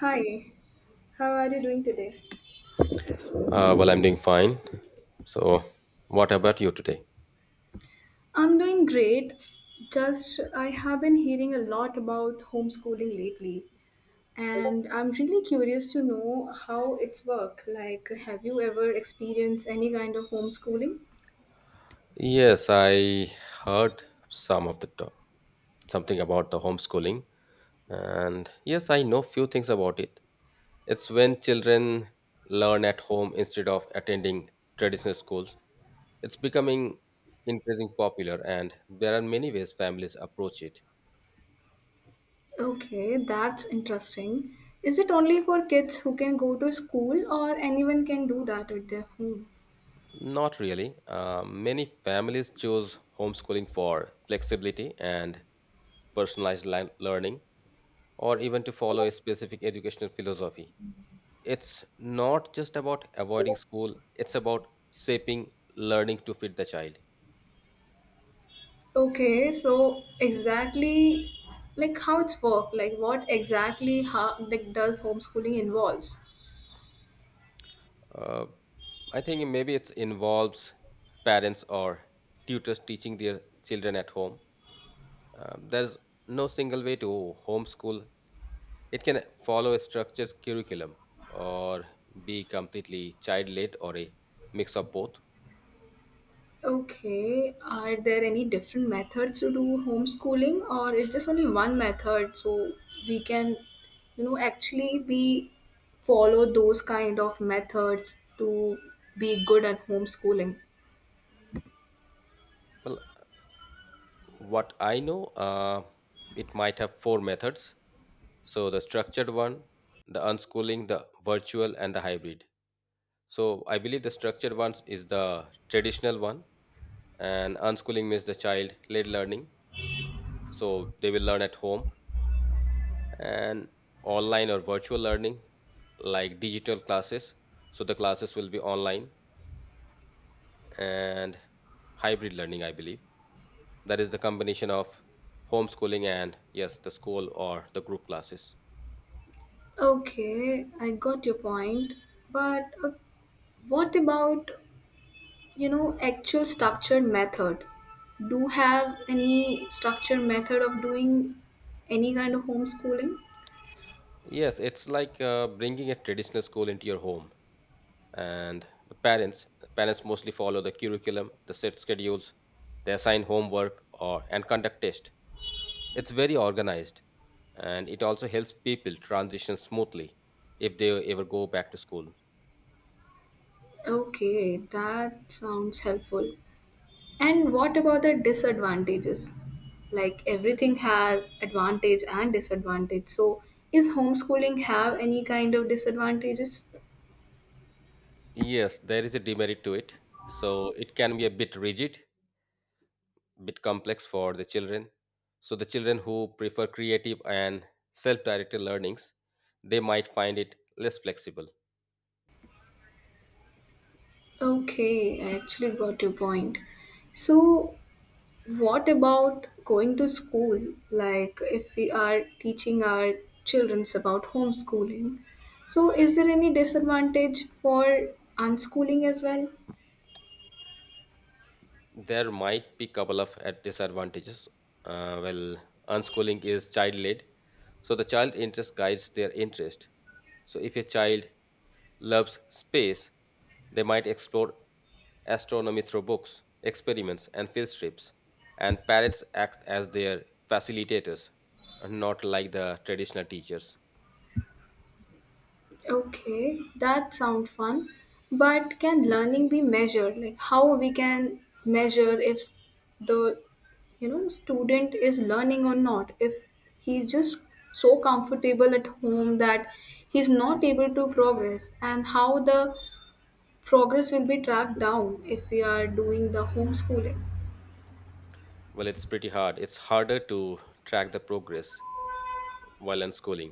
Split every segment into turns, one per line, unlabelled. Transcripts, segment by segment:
Hi, how are you doing today?
I'm doing fine. So, what about you today?
I'm doing great. Just I have been hearing a lot about homeschooling lately, and I'm really curious to know how it's work. Like, have you ever experienced any kind of homeschooling?
Yes, I heard some of the talk, something about the homeschooling, and yes, I know few things about it. It's when children learn at home instead of attending traditional schools. It's becoming increasingly popular, and there are many ways families approach it.
Okay, that's interesting. Is it only for kids who can go to school, or anyone can do that at their home?
Not really. Many families choose homeschooling for flexibility and learning or even to follow a specific educational philosophy. It's not just about avoiding school, it's about shaping learning to fit the child.
Okay, so exactly like how it's work, like what exactly how like does homeschooling involves?
Uh, I think maybe it involves parents or tutors teaching their children at home. There's no single way to homeschool. It can follow a structured curriculum or be completely child led or a mix of both.
Okay, are there any different methods to do homeschooling, or it's just only one method so we can, you know, actually be follow those kind of methods to be good at homeschooling?
Well, what I know, it might have four methods. So the structured one, the unschooling, the virtual, and the hybrid. So I believe the structured one is the traditional one, and unschooling means the child led learning. So they will learn at home and online or virtual learning, like digital classes. So the classes will be online and hybrid learning, I believe. That is the combination of homeschooling and yes, the school or the group classes.
Okay, I got your point, but what about, you know, actual structured method? Do have any structured method of doing any kind of homeschooling?
Yes, it's like bringing a traditional school into your home, and the parents mostly follow the curriculum, the set schedules. They assign homework or and conduct tests. It's very organized, and it also helps people transition smoothly if they ever go back to school.
Okay, that sounds helpful. And what about the disadvantages? Like everything has advantage and disadvantage. So is homeschooling have any kind of disadvantages?
Yes, there is a demerit to it. So it can be a bit rigid, bit complex for the children. So the children who prefer creative and self-directed learnings, they might find it less flexible.
Okay, I actually got your point. So what about going to school? Like if we are teaching our children about homeschooling, so is there any disadvantage for unschooling as well?
There might be couple of disadvantages. Uh, well, Unschooling is child-led, so the child interest guides their interest. So if a child loves space, they might explore astronomy through books, experiments, and field trips. And parents act as their facilitators, not like the traditional teachers.
Okay, that sounds fun. But can learning be measured? Like how we can measure if the you know student is learning or not? If he's just so comfortable at home that he's not able to progress, and how the progress will be tracked down if we are doing the homeschooling?
Well, it's pretty hard. It's harder to track the progress while unschooling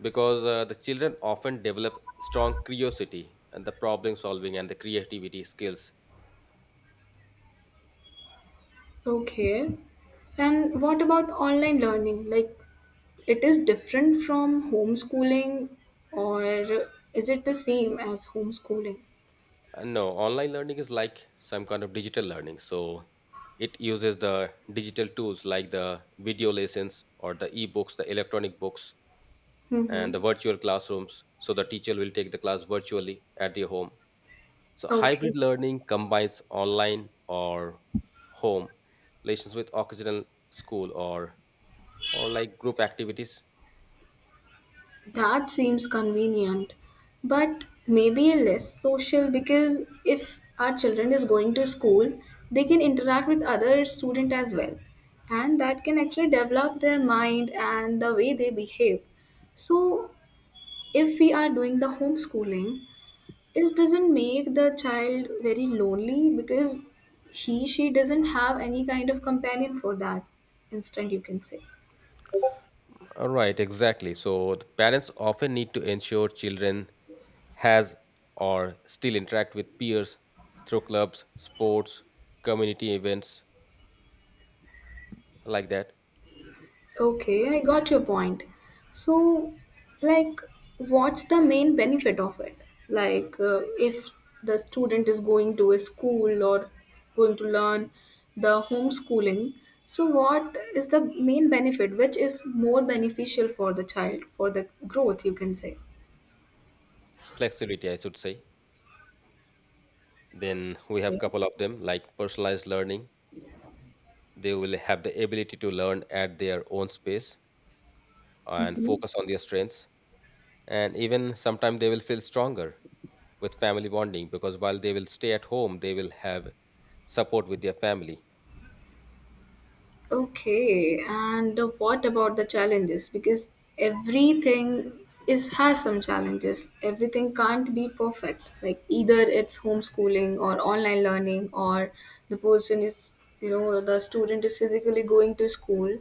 because the children often develop strong curiosity and the problem solving and the creativity skills.
Okay. And what about online learning? Like it is different from homeschooling, or is it the same as homeschooling?
And no, online learning is like some kind of digital learning, so it uses the digital tools like the video lessons or the e-books, the electronic books, and
Mm-hmm.
the virtual classrooms. So the teacher will take the class virtually at their home. So
Okay,
hybrid learning combines online or home lessons with occasional school or like group activities.
that seems convenient, but maybe less social because if our children is going to school, they can interact with other student as well, and that can actually develop their mind and the way they behave. So, if we are doing the homeschooling, it doesn't make the child very lonely because he she doesn't have any kind of companion for that instant you can say.
Right, exactly. So the parents often need to ensure children has or still interact with peers through clubs, sports, community events like that.
Okay, I got your point. So like what's the main benefit of it, like if the student is going to a school or going to learn the homeschooling, so what is the main benefit which is more beneficial for the child for the growth you can say.
Flexibility, I should say. Then we have
Okay.
couple of them like personalized learning. They will have the ability to learn at their own space and
Mm-hmm.
focus on their strengths. And even sometimes they will feel stronger with family bonding because while they will stay at home, they will have support with their family.
Okay, and what about the challenges? Because everything is has some challenges. Everything can't be perfect. Like either it's homeschooling or online learning or the person is, you know, the student is physically going to school.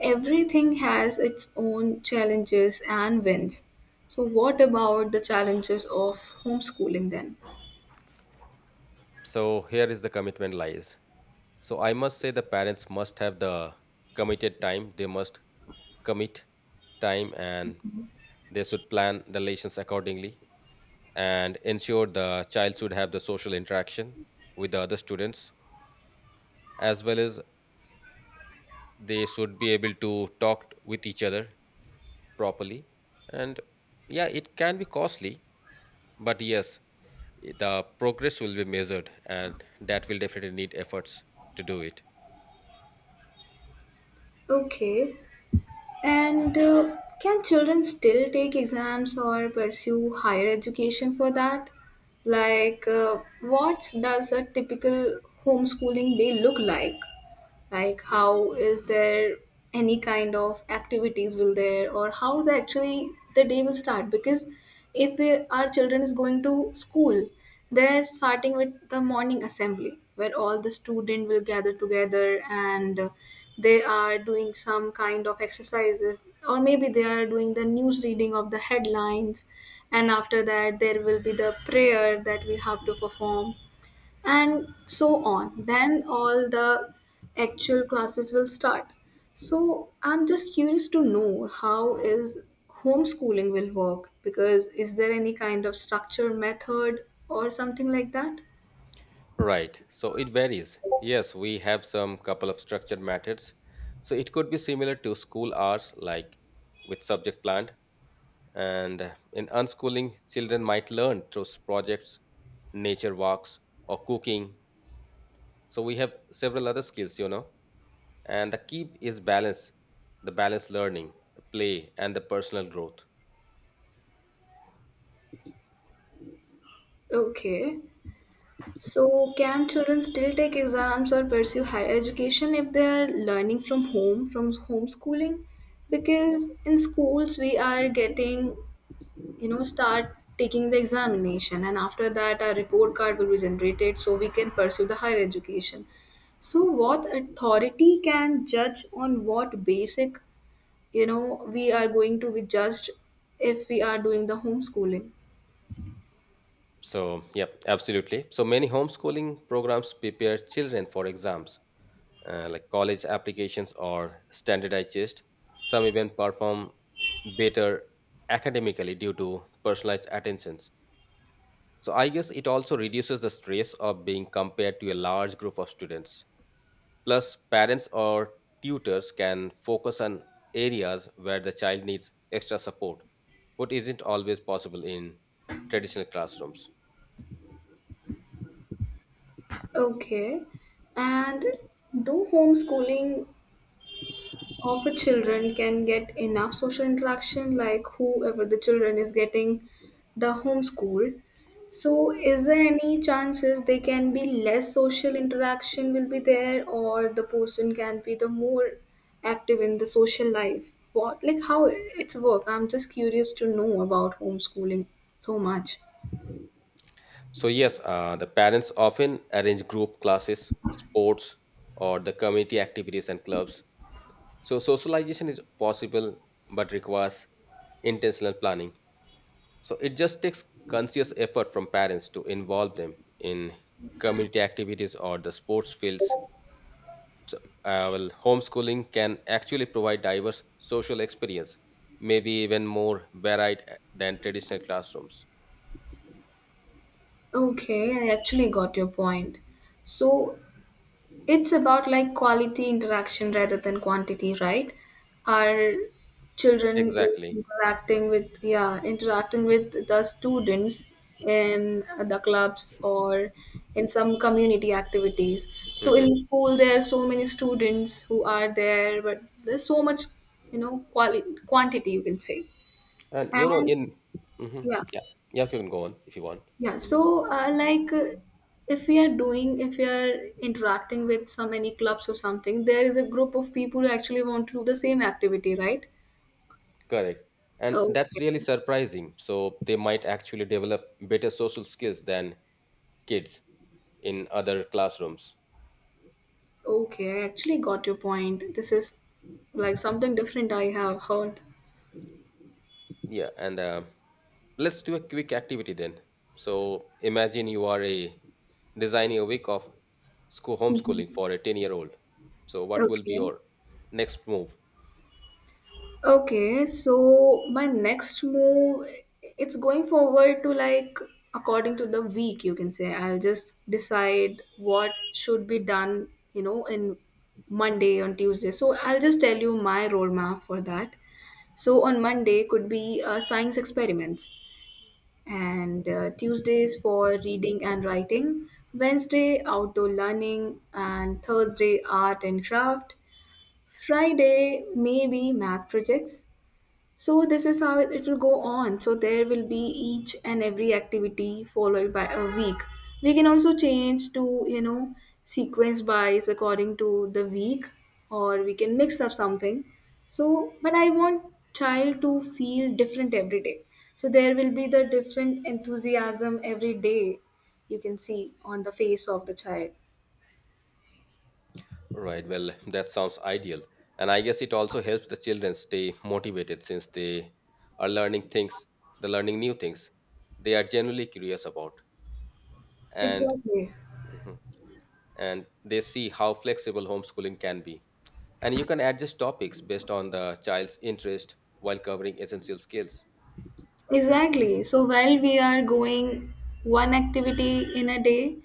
Everything has its own challenges and wins. So what about the challenges of homeschooling then?
So here is the commitment lies. So I must say the parents must have the committed time. They must commit time, and they should plan the lessons accordingly and ensure the child should have the social interaction with the other students as well as they should be able to talk with each other properly. And yeah, it can be costly, but yes, the progress will be measured, and that will definitely need efforts to do it.
Okay, and can children still take exams or pursue higher education for that? Like, what does a typical homeschooling day look like? Like how is there any kind of activities will there or how the actually the day will start, because if we, our children is going to school, they're starting with the morning assembly where all the student will gather together, and they are doing some kind of exercises, or maybe they are doing the news reading of the headlines, and after that there will be the prayer that we have to perform and so on. Then all the actual classes will start. So I'm just curious to know how is homeschooling will work, because is there any kind of structure method or something like that?
Right, so it varies. Yes, we have some couple of structured methods. So it could be similar to school hours, like with subject planned. And in unschooling, children might learn through projects, nature walks, or cooking. So we have several other skills, you know. And the key is balance, the balanced learning, the play, and the personal growth.
Okay. So can children still take exams or pursue higher education if they're learning from home from homeschooling? Because in schools we are getting, you know, start taking the examination, and after that a report card will be generated, so we can pursue the higher education. So what authority can judge on what basic, you know, we are going to be judged if we are doing the homeschooling.
So, yep, absolutely. So many homeschooling programs prepare children for exams, like college applications or standardized tests. Some even perform better academically due to personalized attentions. So I guess it also reduces the stress of being compared to a large group of students. Plus, parents or tutors can focus on areas where the child needs extra support, what isn't always possible in traditional classrooms.
Okay, and do homeschooling often children can get enough social interaction, like whoever the children is getting the homeschool. So, is there any chances they can be less social interaction will be there, or the person can be the more active in the social life? What like how it's work? I'm just curious to know about homeschooling so much.
So, yes, the parents often arrange group classes, sports, or the community activities and clubs. So socialization is possible but requires intentional planning. So it just takes conscious effort from parents to involve them in community activities or the sports fields. So, homeschooling can actually provide diverse social experience, maybe even more varied than traditional classrooms.
Okay, I actually got your point. So, it's about like quality interaction rather than quantity, right? Our children is
Exactly.
interacting with, yeah, interacting with the students in the clubs or in some community activities. So
Hmm.
in school there are so many students who are there, but there's so much, you know, quality quantity you can say.
And you know,
And
in hmm,
yeah,
yeah, yeah, you can go on if you want.
yeah, so if we are doing, if we are interacting with so many clubs or something, there is a group of people who actually want to do the same activity, right?
Correct. And that's really
Okay,
surprising. So they might actually develop better social skills than kids in other classrooms.
okay, I actually got your point. This is like something different I have heard.
Yeah. And let's do a quick activity then. So imagine you are a designing a week of school homeschooling
Mhm.
for a 10-year-old. So what will be
Okay.
your next move?
Okay, so my next move, it's going forward to like according to the week, you can say. I'll just decide what should be done, you know, in Monday on Tuesday. So I'll just tell you my roadmap for that. So on Monday could be science experiments, and Tuesdays for reading and writing, Wednesday outdoor learning, and Thursday art and craft. Friday, maybe math projects. So this is how it will go on. So there will be each and every activity followed by a week. We can also change to, you know, sequence wise according to the week, or we can mix up something. So but I want child to feel different every day. So there will be the different enthusiasm every day you can see on the face of the child.
Right. Well, that sounds ideal. And I guess it also helps the children stay motivated since they are learning things, the learning new things they are generally curious about. And
Exactly.
mhm, and they see how flexible homeschooling can be. And you can adjust topics based on the child's interest while covering essential skills.
Exactly. So while we are going one activity in a day,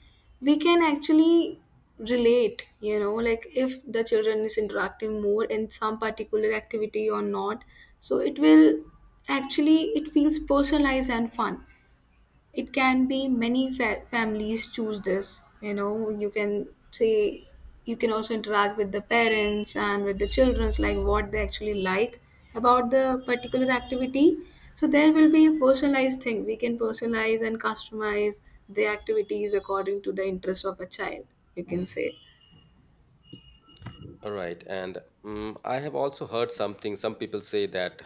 we can actually relate, you know, like if the children is interacting more in some particular activity or not. So it will actually it feels personalized and fun. It can be many families choose this, you know, you can say. You can also interact with the parents and with the children's like what they actually like about the particular activity. So there will be a personalized thing. We can personalize and customize the activities according to the interests of a child, you can say.
All right. And mm, I have also heard something, some people say that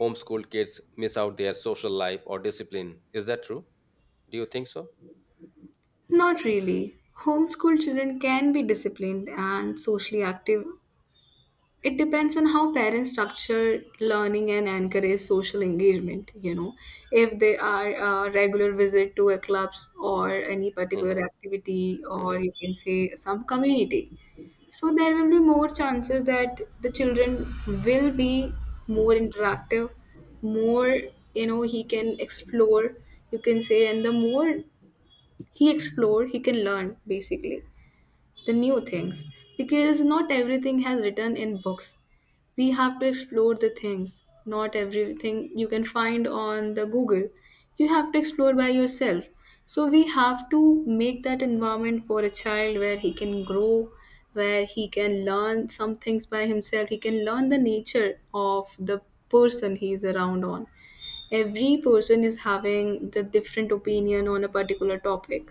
homeschooled kids miss out their social life or discipline. Is that true? Do you think so?
Not really. Homeschool children can be disciplined and socially active. It depends on how parents structure learning and encourage social engagement, you know, if they are a regular visit to a clubs or any particular
Hmm.
activity, or you can say some community. So there will be more chances that the children will be more interactive, more, you know, he can explore, you can say. And the more he explore, he can learn basically the new things, because not everything has written in books. We have to explore the things. Not everything you can find on the google. You have to explore by yourself. So we have to make that environment for a child where he can grow, where he can learn some things by himself. He can learn the nature of the person he is around on. Every person is having the different opinion on a particular topic.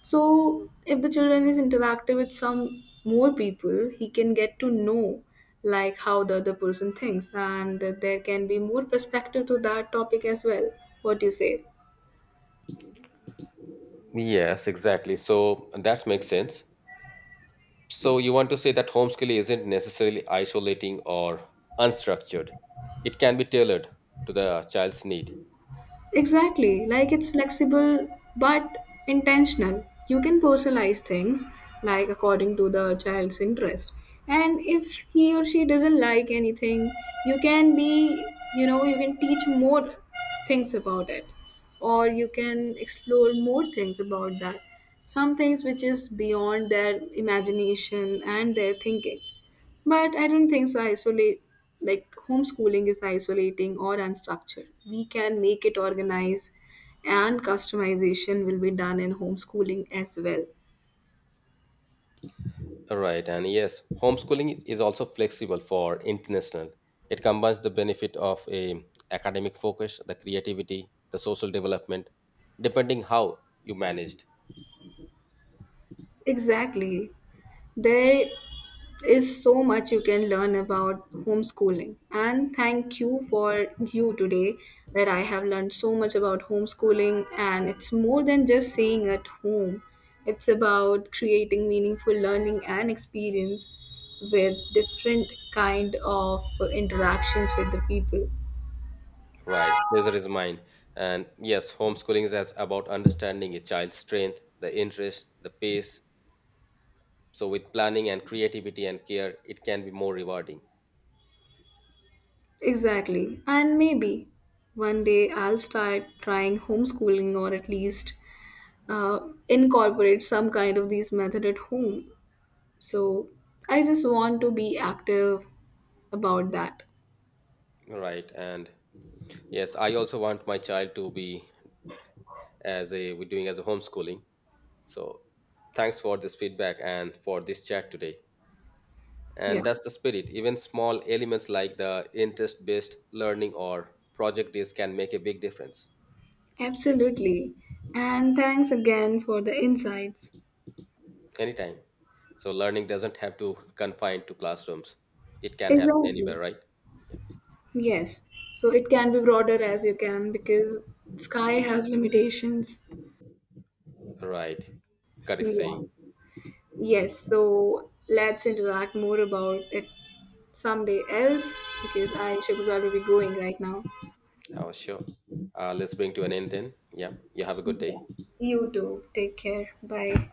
So, if the children is interactive with some more people, he can get to know like how the other person thinks, and there can be more perspective to that topic as well. What do you say?
Yes, exactly. So that makes sense. So you want to say that homeschooling isn't necessarily isolating or unstructured. It can be tailored to the child's need.
Exactly, like it's flexible but intentional. You can personalize things like according to the child's interest. And if he or she doesn't like anything, you can be, you know, you can teach more things about it, or you can explore more things about that. Some things which is beyond their imagination and their thinking. But I don't think so. Isolate like homeschooling is isolating or unstructured. We can make it organized, and customization will be done in homeschooling as well.
Right, and yes, homeschooling is also flexible for international. It combines the benefit of a academic focus, the creativity, the social development, depending how you managed.
Exactly. There is so much you can learn about homeschooling, and thank you for you today that I have learned so much about homeschooling, and it's more than just staying at home. It's about creating meaningful learning and experience with different kind of interactions with the people.
Right, pleasure is mine. And yes, homeschooling is as about understanding a child's strength, the interest, the pace. So with planning and creativity and care, it can be more rewarding,
Exactly, and maybe one day I'll start trying homeschooling, or at least uh, incorporate some kind of these method at home. So I just want to be active about that.
right? And yes, I also want my child to be as a we're doing as a homeschooling. So thanks for this feedback and for this chat today. And
Yeah,
that's the spirit. Even small elements like the interest-based learning or project days can make a big difference
absolutely. And thanks again for the insights.
anytime. So learning doesn't have to confine to classrooms. It can happen anywhere,
Exactly.
right? Yeah.
Yes. So it can be broader as you can because sky has limitations.
Right. Correct
Yeah.
saying.
Yes. So let's interact more about it someday else because I should probably be going right now.
Oh, sure. Let's bring to an end then. Yeah. You have a good
Yeah.
day.
You too. Take care. Bye.